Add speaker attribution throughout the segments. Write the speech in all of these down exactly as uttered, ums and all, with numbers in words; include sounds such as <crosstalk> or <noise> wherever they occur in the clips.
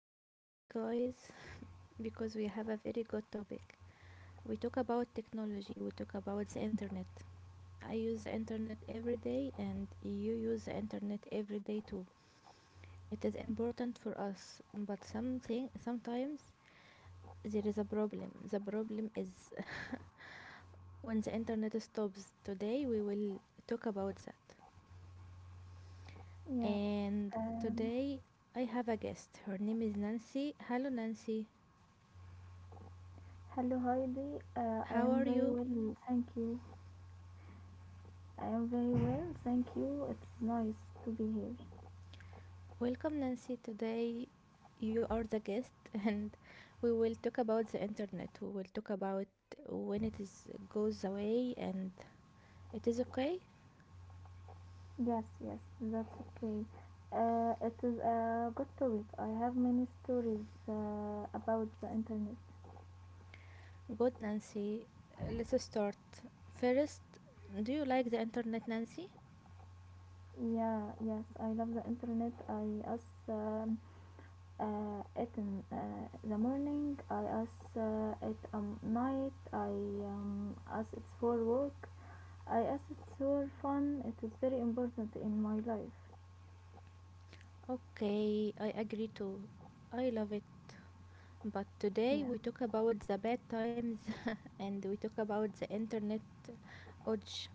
Speaker 1: Do you know why, guys? <laughs> Because we have a very good topic. We talk about technology, we talk about the internet. I use the internet every day, and you use the internet every day too. It is important for us, but something sometimes there is a problem. The problem is <laughs> when the internet stops. Today we will talk about that.
Speaker 2: Yeah.
Speaker 1: And
Speaker 2: Um,
Speaker 1: today I have a guest. Her name is Nancy. Hello, Nancy.
Speaker 2: Hello, Heidi. Uh, I
Speaker 1: How
Speaker 2: am
Speaker 1: are
Speaker 2: very
Speaker 1: you?
Speaker 2: well, thank you. I am very well, thank you. It's nice to be here.
Speaker 1: Welcome, Nancy. Today you are the guest, <laughs> and we will talk about the internet. We will talk about when it is goes away, and it is okay.
Speaker 2: Yes, yes, that's okay. Uh, it is a good topic. I have many stories uh, about the internet.
Speaker 1: Good, Nancy. Let's start. First, do you like the internet, Nancy?
Speaker 2: Yeah, yes, I love the internet. I ask um, uh, it in uh, the morning. I ask uh, it um night. I um, ask it for work. I acid were fun. It is very important in my life.
Speaker 1: Okay, I agree too. I love it. But today
Speaker 2: Yeah.
Speaker 1: we talk about the bad times <laughs> and we talk about the internet outage.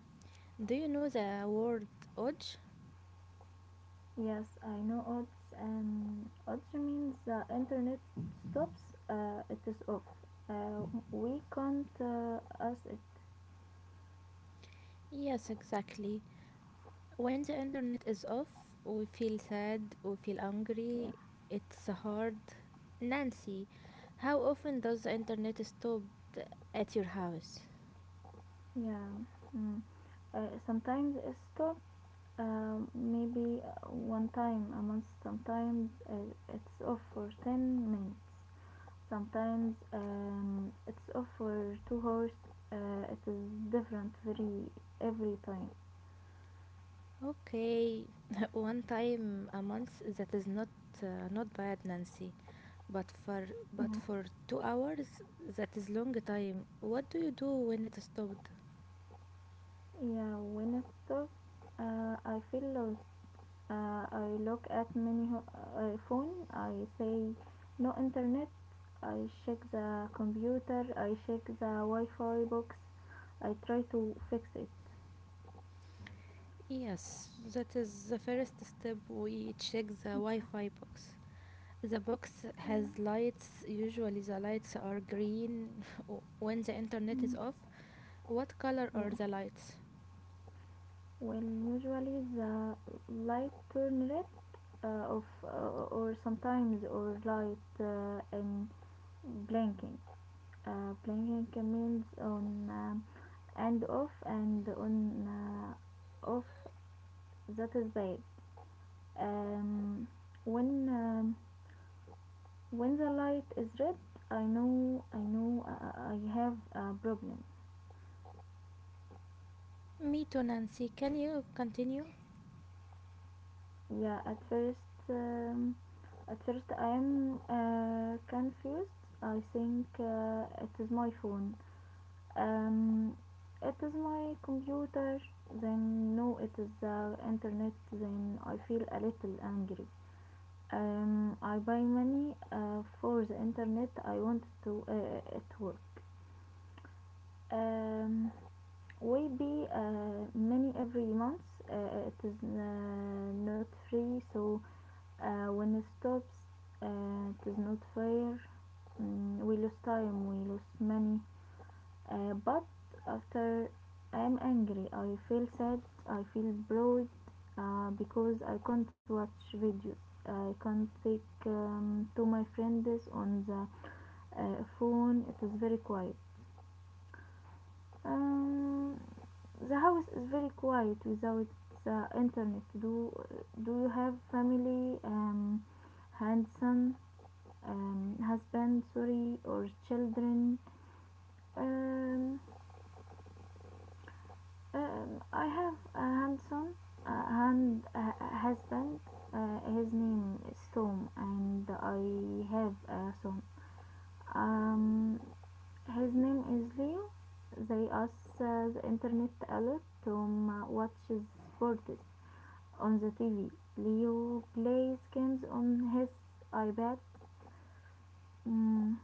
Speaker 1: Do you know the word outage?
Speaker 2: Yes, I know odds and odds means the internet stops. Uh, it is off. Uh, we can't uh, ask it.
Speaker 1: Yes, exactly. When the internet is off, we feel sad, we feel
Speaker 2: Yeah.
Speaker 1: angry, it's hard. Nancy, how often does the internet stop at your house?
Speaker 2: Yeah. Mm. Uh, sometimes it stops. Um, maybe uh, one time a month. Sometimes uh, it's off for ten minutes. Sometimes um, it's offer two hours, uh, it is different very every time.
Speaker 1: Okay, <laughs> one time a month, that is not uh, not bad, Nancy. But for but
Speaker 2: Yeah.
Speaker 1: for two hours, that is long time. What do you do when it stopped?
Speaker 2: Yeah, when it stops, uh, I feel lost. Uh, i look at many ho- uh, phone, I say no internet. I check the computer, I check the wi-fi box, I try to fix it.
Speaker 1: Yes, that is the first step. We check the
Speaker 2: Yeah.
Speaker 1: Wi-Fi box. The box
Speaker 2: Yeah.
Speaker 1: has lights. Usually, the lights are green <laughs> when the internet is
Speaker 2: Mm.
Speaker 1: off. What color are
Speaker 2: Yeah.
Speaker 1: the lights?
Speaker 2: Well, usually the light turn red, uh, of uh, or sometimes or light uh, and blinking. Uh, blinking means on, um, and off and on, uh, off. That is bad. Um, when um, when the light is red, I know I know uh, I have a problem.
Speaker 1: Me too, Nancy. Can you continue?
Speaker 2: Yeah, at first, um, at first I'm uh, confused. I think uh, it is my phone. Um, it is my computer. Then no, it is the internet. Then I feel a little angry. Um, I buy money uh, for the internet. I want to uh, it work. Um, will be uh, many every month. Uh, it is uh, not free, so uh, when it stops, uh, it is not fair. Mm, we lose time, we lose money. Uh, but after I am angry, I feel sad, I feel bored uh, because I can't watch videos. I can't take um, to my friends on the uh, phone. It is very quiet. Um, the house is very quiet without the internet. Do do you have family, um, handsome, um, husband, sorry, or children? Um, um, I have a handsome uh, hand uh, husband. Uh, his name is Tom, and I have a son. Um, his name is Leo. They asked uh, the internet a lot to um, watch sports on the T V. Leo plays games on his iPad. Mm,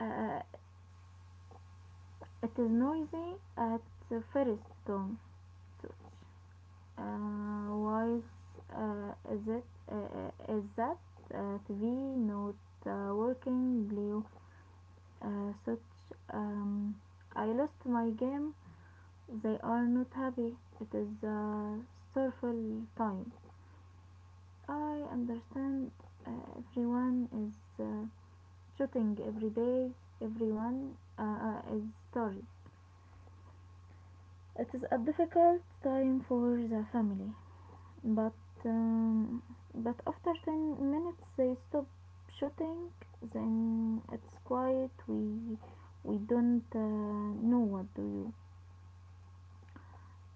Speaker 2: uh, it is noisy at the first, Tom. Such. Uh, why is, uh, is it uh, uh, Is that uh, T V not uh, working? Leo, uh, such. Um, I lost my game. They are not happy. It is a sorrowful time. I understand uh, everyone is uh, shooting every day. Everyone uh, uh, is tired. It is a difficult time for the family, but um, but after ten minutes they stop shooting. Then it's quiet. We we don't uh, know what do you.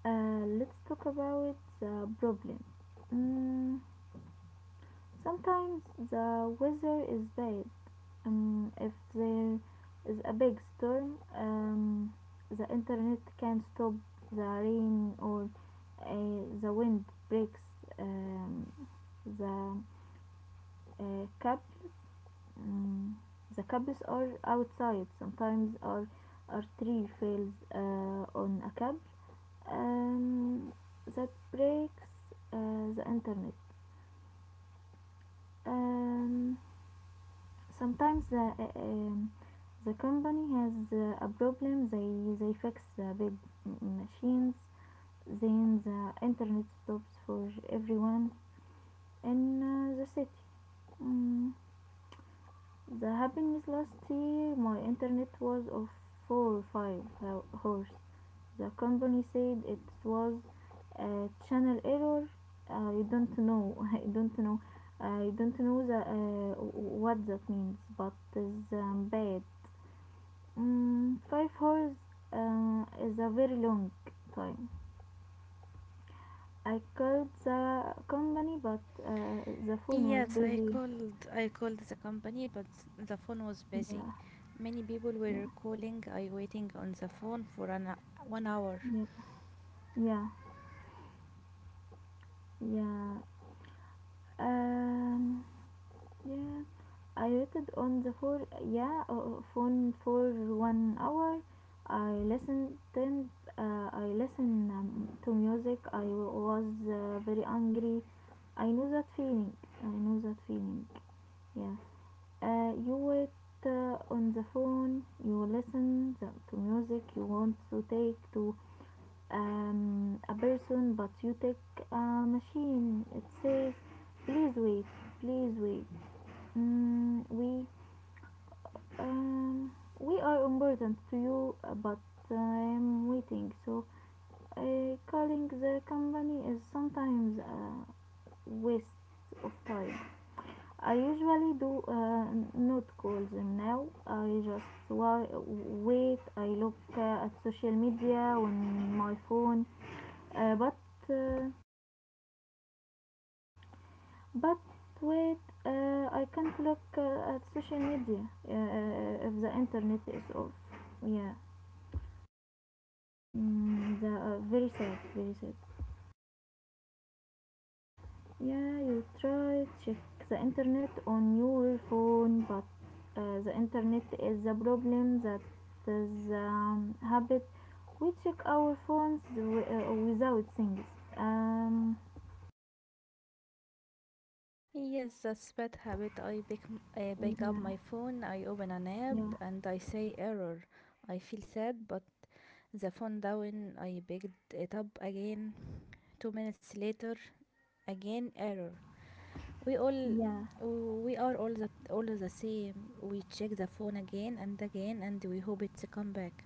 Speaker 2: Uh, let's talk about the problem. Mm, sometimes the weather is bad. Um, if there is a big storm, um, the internet can stop. The rain or uh, the wind breaks um, the uh, cables. Um, the cables are outside. Sometimes our our tree fails uh, on a cable, um, that breaks uh, the internet. Um, Sometimes the uh, um, the company has uh, a problem, they they fix the big machines, then the internet stops for everyone in uh, the city. Mm, the happened last year, my internet was of four or five hours. The company said it was a channel error. I don't know. <laughs> I don't know, i don't know the, uh, what that means, but it's um, bad. Mm, five hours uh, is a very long time. I called the company, but uh, the phone was
Speaker 1: Yes, I
Speaker 2: busy.
Speaker 1: called I called the company, but the phone was busy.
Speaker 2: Yeah,
Speaker 1: Many people
Speaker 2: yeah,
Speaker 1: were calling. I waiting on the phone for an one hour.
Speaker 2: yeah, yeah, yeah. Um, yeah. I waited on the for yeah uh, phone for one hour. I listened. Then uh, I listened um, to music. I was uh, very angry. I know that feeling. I know that feeling. Yeah. Uh, you wait uh, on the phone, you listen the, to music, you want to take to um, a person, but you take a machine. It says, please wait, please wait. Mm, we, um, we are important to you, uh, but I'm waiting. So uh, calling the company is sometimes a waste of time. I usually do uh, not call them now. I just wa- wait. I look uh, at social media on my phone, uh, but uh, but wait. Uh, I can't look uh, at social media, uh, uh, if the internet is off. Yeah, mm, the, uh, very sad, very sad. Yeah, you try check the internet on your phone, but uh, the internet is the problem. That is um, habit. We check our phones w- uh, without things. Um,
Speaker 1: Yes, that's bad habit. I pick I pick up
Speaker 2: yeah,
Speaker 1: my phone. I open an
Speaker 2: yeah,
Speaker 1: app and I say error. I feel sad, but the phone down. I picked it up again. Two minutes later, again error. We all
Speaker 2: yeah,
Speaker 1: we are all the all the same. We check the phone again and again, and we hope it's come back.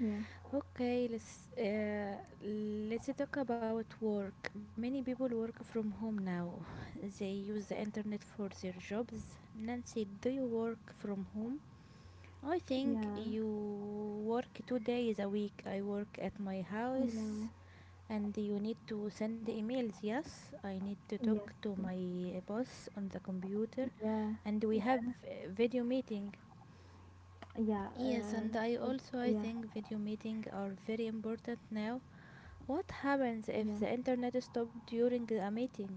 Speaker 2: yeah,
Speaker 1: Okay, let's uh, let's talk about work. Many people work from home now. <laughs> They use the internet for their jobs. Nancy, do you work from home? I think you work two days a week. I work at my
Speaker 2: yeah,
Speaker 1: house, and you need to send emails. Yes, I need to
Speaker 2: yeah,
Speaker 1: talk
Speaker 2: yes,
Speaker 1: to
Speaker 2: yes,
Speaker 1: my eh, boss on the computer,
Speaker 2: yeah,
Speaker 1: and we have
Speaker 2: yeah,
Speaker 1: uh, video meeting.
Speaker 2: yeah.
Speaker 1: Yes,
Speaker 2: Uh,
Speaker 1: and I
Speaker 2: stop.
Speaker 1: also I
Speaker 2: Yeah,
Speaker 1: think video meeting are very important now what happens if
Speaker 2: yeah,
Speaker 1: the internet stops during a meeting?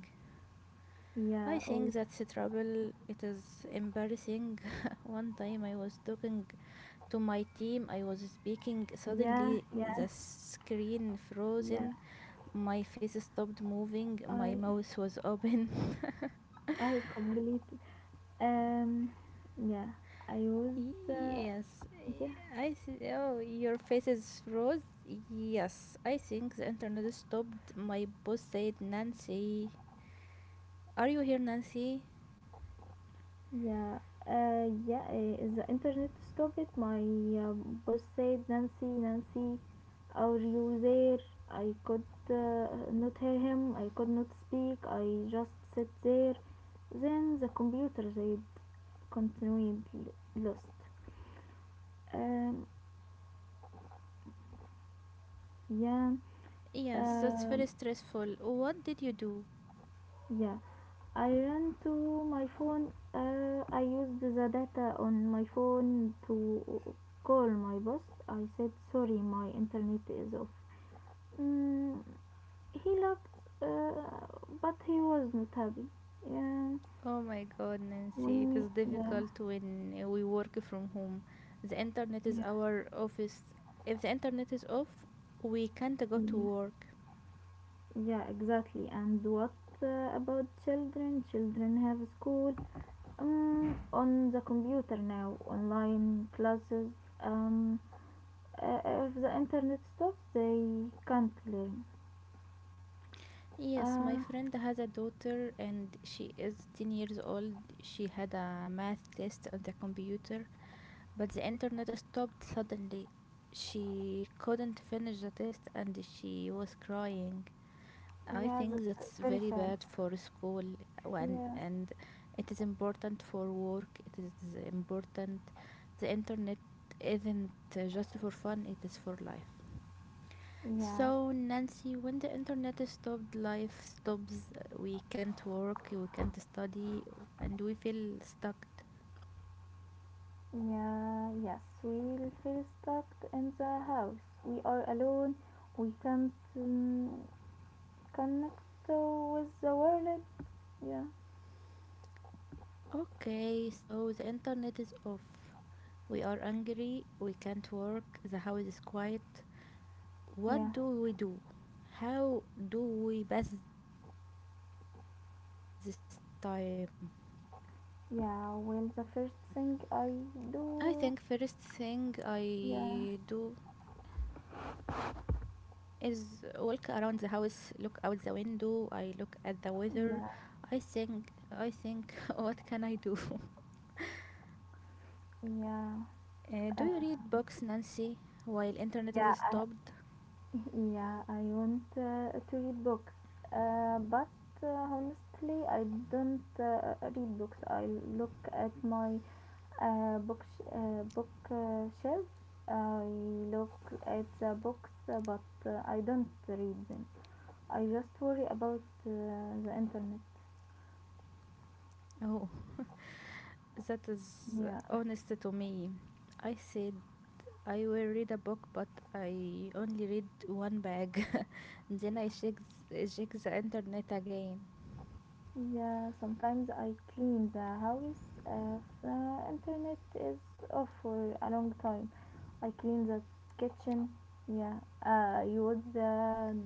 Speaker 1: I
Speaker 2: yeah.
Speaker 1: think
Speaker 2: Oh,
Speaker 1: that's trouble. It is embarrassing. <laughs> One time I was talking to my team, I was speaking,
Speaker 2: yeah,
Speaker 1: suddenly
Speaker 2: yeah,
Speaker 1: the screen
Speaker 2: yeah.
Speaker 1: frozen, my face stopped moving, my
Speaker 2: I,
Speaker 1: mouth was open.
Speaker 2: I completed. Um, yeah, I was,
Speaker 1: <laughs>
Speaker 2: uh,
Speaker 1: Yes,
Speaker 2: yeah,
Speaker 1: I see. Oh, your face is froze? Yes, I think the internet stopped. My boss said, Nancy, are you here, Nancy?
Speaker 2: yeah, uh, yeah, uh, the internet stopped it. My uh, boss said, Nancy, Nancy, are you there? I could uh, not hear him, I could not speak, I just sat there. Then the computer said, continued l- lost. Um, yeah,
Speaker 1: Yes, that's very
Speaker 2: um,
Speaker 1: stressful. What did you do?
Speaker 2: yeah. I ran to my phone. Uh, I used the data on my phone to call my boss. I said, Sorry, my internet is off. Mm, he laughed, uh, but he wasn't happy. Yeah,
Speaker 1: Oh my god,
Speaker 2: when
Speaker 1: Nancy, it
Speaker 2: me,
Speaker 1: is
Speaker 2: yeah,
Speaker 1: difficult when uh, we work from home. The internet is
Speaker 2: yeah,
Speaker 1: our office. If the internet is off, we can't go to
Speaker 2: yeah,
Speaker 1: work.
Speaker 2: yeah, exactly. And what uh, about children? Children have school um, on the computer now, online classes. Um, Uh, if the internet stops, they can't learn.
Speaker 1: Yes,
Speaker 2: Uh,
Speaker 1: my friend has a daughter and she is ten years old. She had a math test on the computer, but the internet stopped suddenly. She couldn't finish the test and she was crying. I
Speaker 2: yeah,
Speaker 1: think
Speaker 2: that's
Speaker 1: that's
Speaker 2: very
Speaker 1: very
Speaker 2: sad.
Speaker 1: bad for school and
Speaker 2: Yeah,
Speaker 1: and it is important for work. It is important. The internet isn't uh, just for fun, it is for life.
Speaker 2: yes,
Speaker 1: So Nancy, when the internet is stopped, life stops. We can't work, we can't study, and we feel stuck.
Speaker 2: yeah, yes. We will feel stuck in the house. We are alone. We can't um, connect uh, with the world. Yeah,
Speaker 1: Okay, so the internet is off. We are angry, we can't work, the house is quiet.
Speaker 2: yeah,
Speaker 1: What do we do? How do we pass this time? I think
Speaker 2: yeah.
Speaker 1: first
Speaker 2: Well, the
Speaker 1: thing
Speaker 2: first thing I
Speaker 1: I do
Speaker 2: do, yeah,
Speaker 1: is walk around the house, look out the window, I look at the weather. I think
Speaker 2: yeah,
Speaker 1: I think <laughs> what can I do? <laughs>
Speaker 2: yeah,
Speaker 1: Uh, do you read
Speaker 2: uh,
Speaker 1: books, Nancy, while internet is
Speaker 2: yeah.
Speaker 1: stopped?
Speaker 2: Yeah, I want uh, to read books, uh, but uh, honestly, I don't uh, read books. I look at my uh, book uh, book uh, shelf. I look at the books, uh, but uh, I don't read them. I just worry about uh, the internet.
Speaker 1: Oh, that is
Speaker 2: Yeah.
Speaker 1: honest to me. I said I will read a book, but I only read one bag. Jenna is shakes, check the internet again.
Speaker 2: Yeah, sometimes I clean the house uh, if the internet is off for a long time. I clean the kitchen. Yeah, uh, you wash the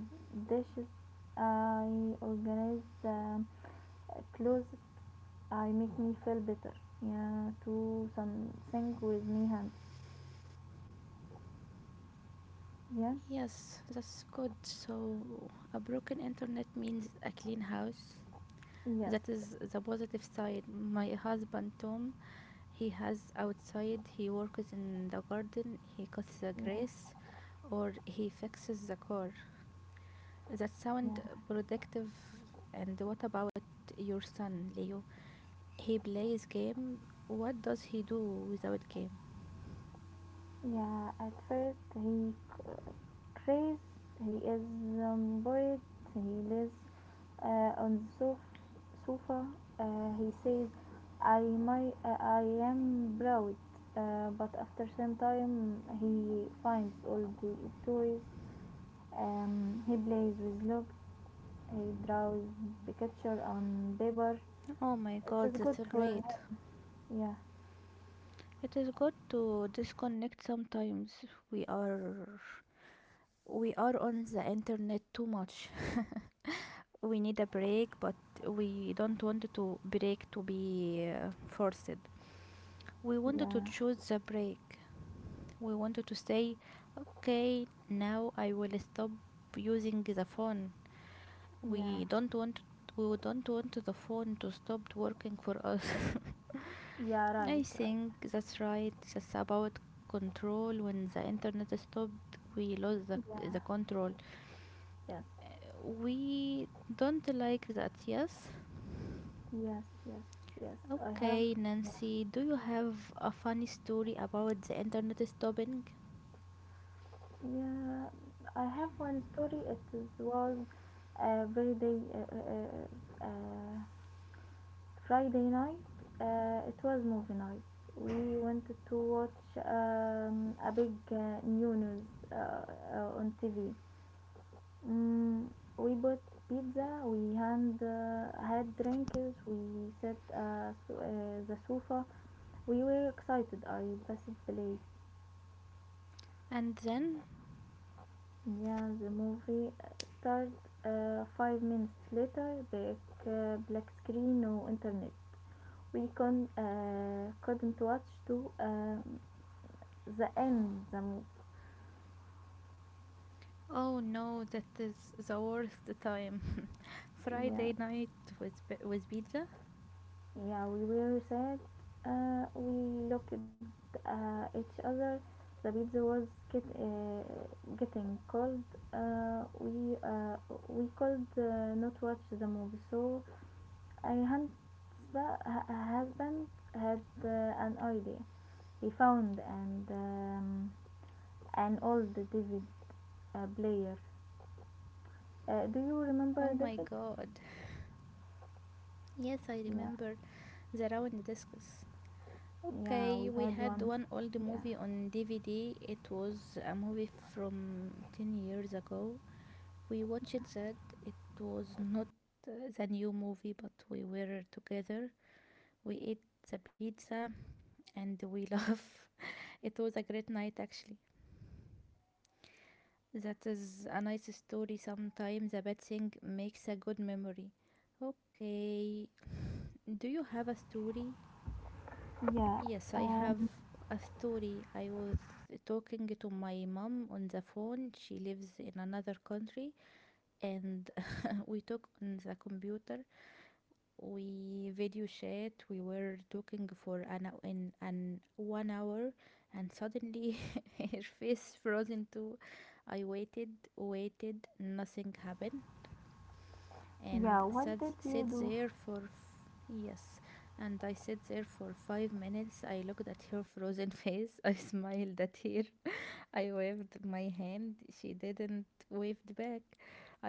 Speaker 2: dishes. I organize the clothes. I make me feel better. Yeah, do something with me hands.
Speaker 1: Yes, that's good.
Speaker 2: Yeah,
Speaker 1: So, a broken internet means a clean house. That is the positive side.
Speaker 2: yes.
Speaker 1: My husband Tom, he has outside, he works in the garden, he cuts the grass, or
Speaker 2: Yeah,
Speaker 1: he fixes the car. That sound
Speaker 2: yeah,
Speaker 1: productive. And what about your son, Leo? He plays game. What does he do without game?
Speaker 2: yeah. At first, he Trace, he is um, buried, he lives uh, on the sof- sofa. Uh, he says, I, my, uh, I am proud. Uh, but after some time, he finds all the toys. Um, he plays with logs. He draws picture on paper.
Speaker 1: Oh my
Speaker 2: It
Speaker 1: god,
Speaker 2: is
Speaker 1: that's
Speaker 2: good
Speaker 1: a
Speaker 2: for him.
Speaker 1: great.
Speaker 2: Yeah,
Speaker 1: It is good to disconnect sometimes. We are we are on the internet too much. <laughs> We need a break, but we don't want to break to be uh, forced. We wanted to
Speaker 2: yeah,
Speaker 1: choose the break. We wanted to say, okay, now I will stop using the phone.
Speaker 2: yeah,
Speaker 1: We don't want we don't want the phone to stop working for us. <laughs>
Speaker 2: yeah. Right,
Speaker 1: I
Speaker 2: right.
Speaker 1: think that's right. That's about control. When the internet stopped, we lost the,
Speaker 2: Yeah,
Speaker 1: the control.
Speaker 2: yes,
Speaker 1: We don't like that, yes?
Speaker 2: yes, yes, yes. I have.
Speaker 1: Okay,
Speaker 2: Yeah.
Speaker 1: Nancy, do you have a funny story about the internet stopping?
Speaker 2: Yeah, I have one story. It is, was a very day, uh, uh, uh, Friday night. Uh, it was movie night. We wanted to watch um, a big uh, new news uh, uh, on T V. Mm, we bought pizza. We hand, uh, had drinks. We sat uh, so, uh, the sofa. We were excited. I passed the place.
Speaker 1: And then?
Speaker 2: Yeah, the movie uh, started uh, five minutes later. Black, uh, black screen, no internet. We con- uh, couldn't watch to uh, the end. The mo-
Speaker 1: Oh no, that is the worst time. <laughs>
Speaker 2: yeah,
Speaker 1: Friday night with, pi- with pizza?
Speaker 2: yeah, we were sad. Uh, we looked uh, each other. The pizza was get, uh, getting cold. Uh, we uh, we could uh, not watch the movie, so Ayhan's husband had uh, an idea. He found and um, an old David uh, player. Uh, do you
Speaker 1: Oh my
Speaker 2: remember David?
Speaker 1: god. Yes, I remember
Speaker 2: Yeah,
Speaker 1: the round discus.
Speaker 2: yeah,
Speaker 1: Okay,
Speaker 2: we
Speaker 1: we
Speaker 2: had
Speaker 1: had
Speaker 2: one.
Speaker 1: one old
Speaker 2: Yeah,
Speaker 1: movie on D V D. It was a movie from ten years ago. We watched that. It was not uh, the new movie, but we were together. We ate the pizza and we <laughs> laugh. It was a great night, actually. That is a nice story. Sometimes a bad thing makes a good memory. Okay, <sighs> do you have a story?
Speaker 2: yeah,
Speaker 1: Yes, I have
Speaker 2: um,
Speaker 1: a story. I was talking to my mom on the phone. She lives in another country, and <laughs> we talk on the computer. We video chat. We were talking for an hou- in an one hour, and suddenly <laughs> her face frozen too. I waited, waited. Nothing happened
Speaker 2: yeah.
Speaker 1: and
Speaker 2: What
Speaker 1: sat,
Speaker 2: did you
Speaker 1: sat
Speaker 2: do?
Speaker 1: there for f- yes and I sat there for five minutes. I looked at her frozen <laughs> face. I smiled at her. <laughs> I waved my hand, she didn't wave back.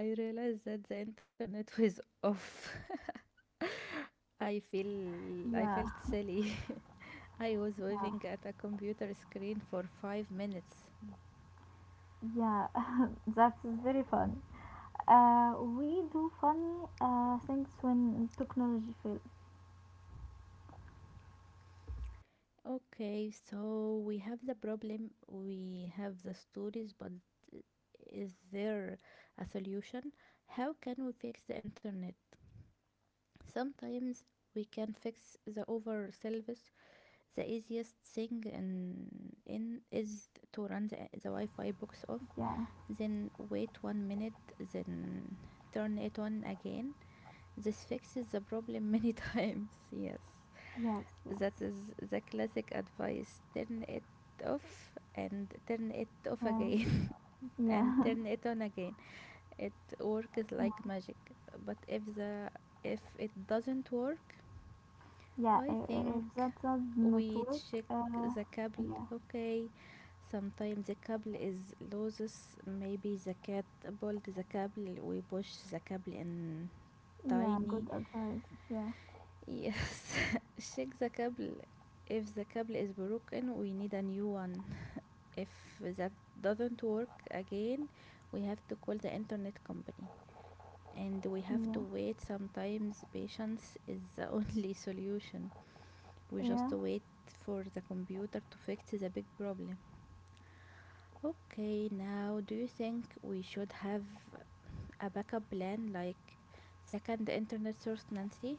Speaker 1: I realized that the internet was off. <laughs> i feel i
Speaker 2: Yeah,
Speaker 1: felt silly. <laughs> I was
Speaker 2: yeah,
Speaker 1: waving at a computer screen for five minutes.
Speaker 2: yeah. <laughs> That's very fun. Uh, we do funny uh, things when technology fails.
Speaker 1: Okay, so we have the problem, we have the stories, but is there a solution? How can we fix the internet? Sometimes we can fix the over service. The easiest thing in, in is to run the, the Wi-Fi box off,
Speaker 2: Yeah,
Speaker 1: then wait one minute, then turn it on again. This fixes the problem many <laughs> times. Yes.
Speaker 2: yes,
Speaker 1: That
Speaker 2: yes,
Speaker 1: is the classic advice. Turn it off and turn it off
Speaker 2: yeah,
Speaker 1: again <laughs> and
Speaker 2: yeah.
Speaker 1: turn it on again. It works
Speaker 2: <laughs>
Speaker 1: like magic. But if the if it doesn't work,
Speaker 2: Yeah, i-
Speaker 1: I
Speaker 2: i-
Speaker 1: think
Speaker 2: if that does not
Speaker 1: we
Speaker 2: work,
Speaker 1: check
Speaker 2: uh,
Speaker 1: the cable.
Speaker 2: yeah,
Speaker 1: Okay, sometimes the cable is loose. Maybe the cat pulled the cable. We push the cable in
Speaker 2: yeah,
Speaker 1: tiny.
Speaker 2: good advice. Yeah,
Speaker 1: Yes, <laughs> check the cable. If the cable is broken we need a new one. If that doesn't work again we have to call the internet company and we have
Speaker 2: yeah,
Speaker 1: to wait. Sometimes patience is the <laughs> only solution. We just
Speaker 2: yeah,
Speaker 1: wait for the computer to fix the big problem. Okay, now do you think we should have a backup plan like second internet source, Nancy?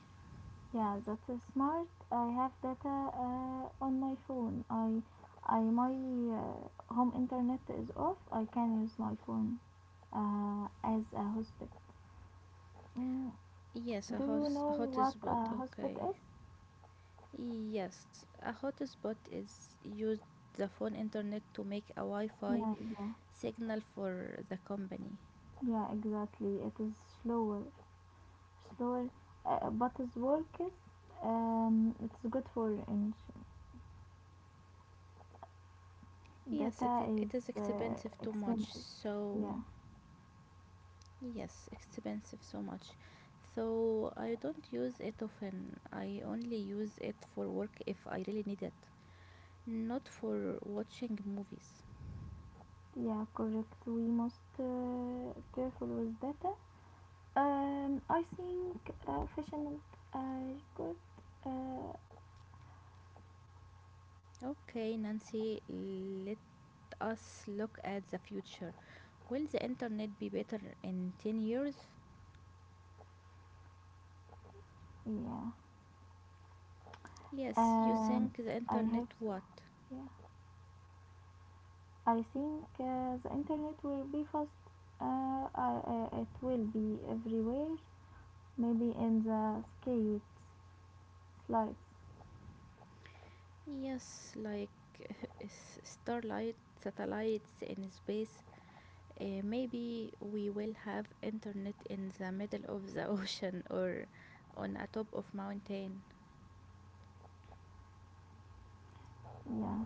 Speaker 2: yeah. That is smart. I have data uh, on my phone. I, I my uh, home internet is off. I can use my phone uh, as a hotspot. Mm,
Speaker 1: Yes, a
Speaker 2: do
Speaker 1: hot
Speaker 2: you know what
Speaker 1: hotspot.
Speaker 2: a
Speaker 1: Okay.
Speaker 2: hotspot is?
Speaker 1: Yes, a hotspot is used the phone internet to make a
Speaker 2: Yeah,
Speaker 1: Wi-Fi
Speaker 2: yeah,
Speaker 1: signal for the company.
Speaker 2: yeah. Exactly. It is slower, slower, uh, but it works. Um, it's good for inch.
Speaker 1: Yes, it,
Speaker 2: Data
Speaker 1: it
Speaker 2: is
Speaker 1: is
Speaker 2: uh,
Speaker 1: expensive too much.
Speaker 2: expensive.
Speaker 1: So,
Speaker 2: Yeah,
Speaker 1: yes, expensive so much. So, I don't use it often. I only use it for work if I really need it, not for watching movies.
Speaker 2: yeah, correct. We must uh, careful with data. Um, I think uh, fashion is good. Uh,
Speaker 1: Okay, Nancy, let us look at the future. Will the internet be better in ten years?
Speaker 2: yeah.
Speaker 1: Yes, you
Speaker 2: Um,
Speaker 1: think the
Speaker 2: I have
Speaker 1: internet
Speaker 2: so.
Speaker 1: what?
Speaker 2: Yeah. I think uh, the internet will be fast. Uh, I, uh, it will be everywhere. Maybe in the skates, slides.
Speaker 1: Yes, like s- starlight, satellites in space. Uh, maybe we will have internet in the middle of the <laughs> ocean or on a top of mountain.
Speaker 2: Yeah.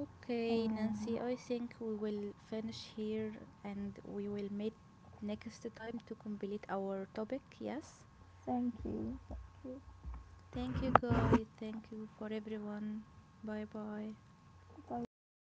Speaker 1: Okay,
Speaker 2: Uh,
Speaker 1: Nancy, I think we will finish here and we will meet next time to complete our topic. Yes.
Speaker 2: Thank you. Thank you.
Speaker 1: Thank you guys. Thank you for everyone. Bye bye.
Speaker 2: Bye bye.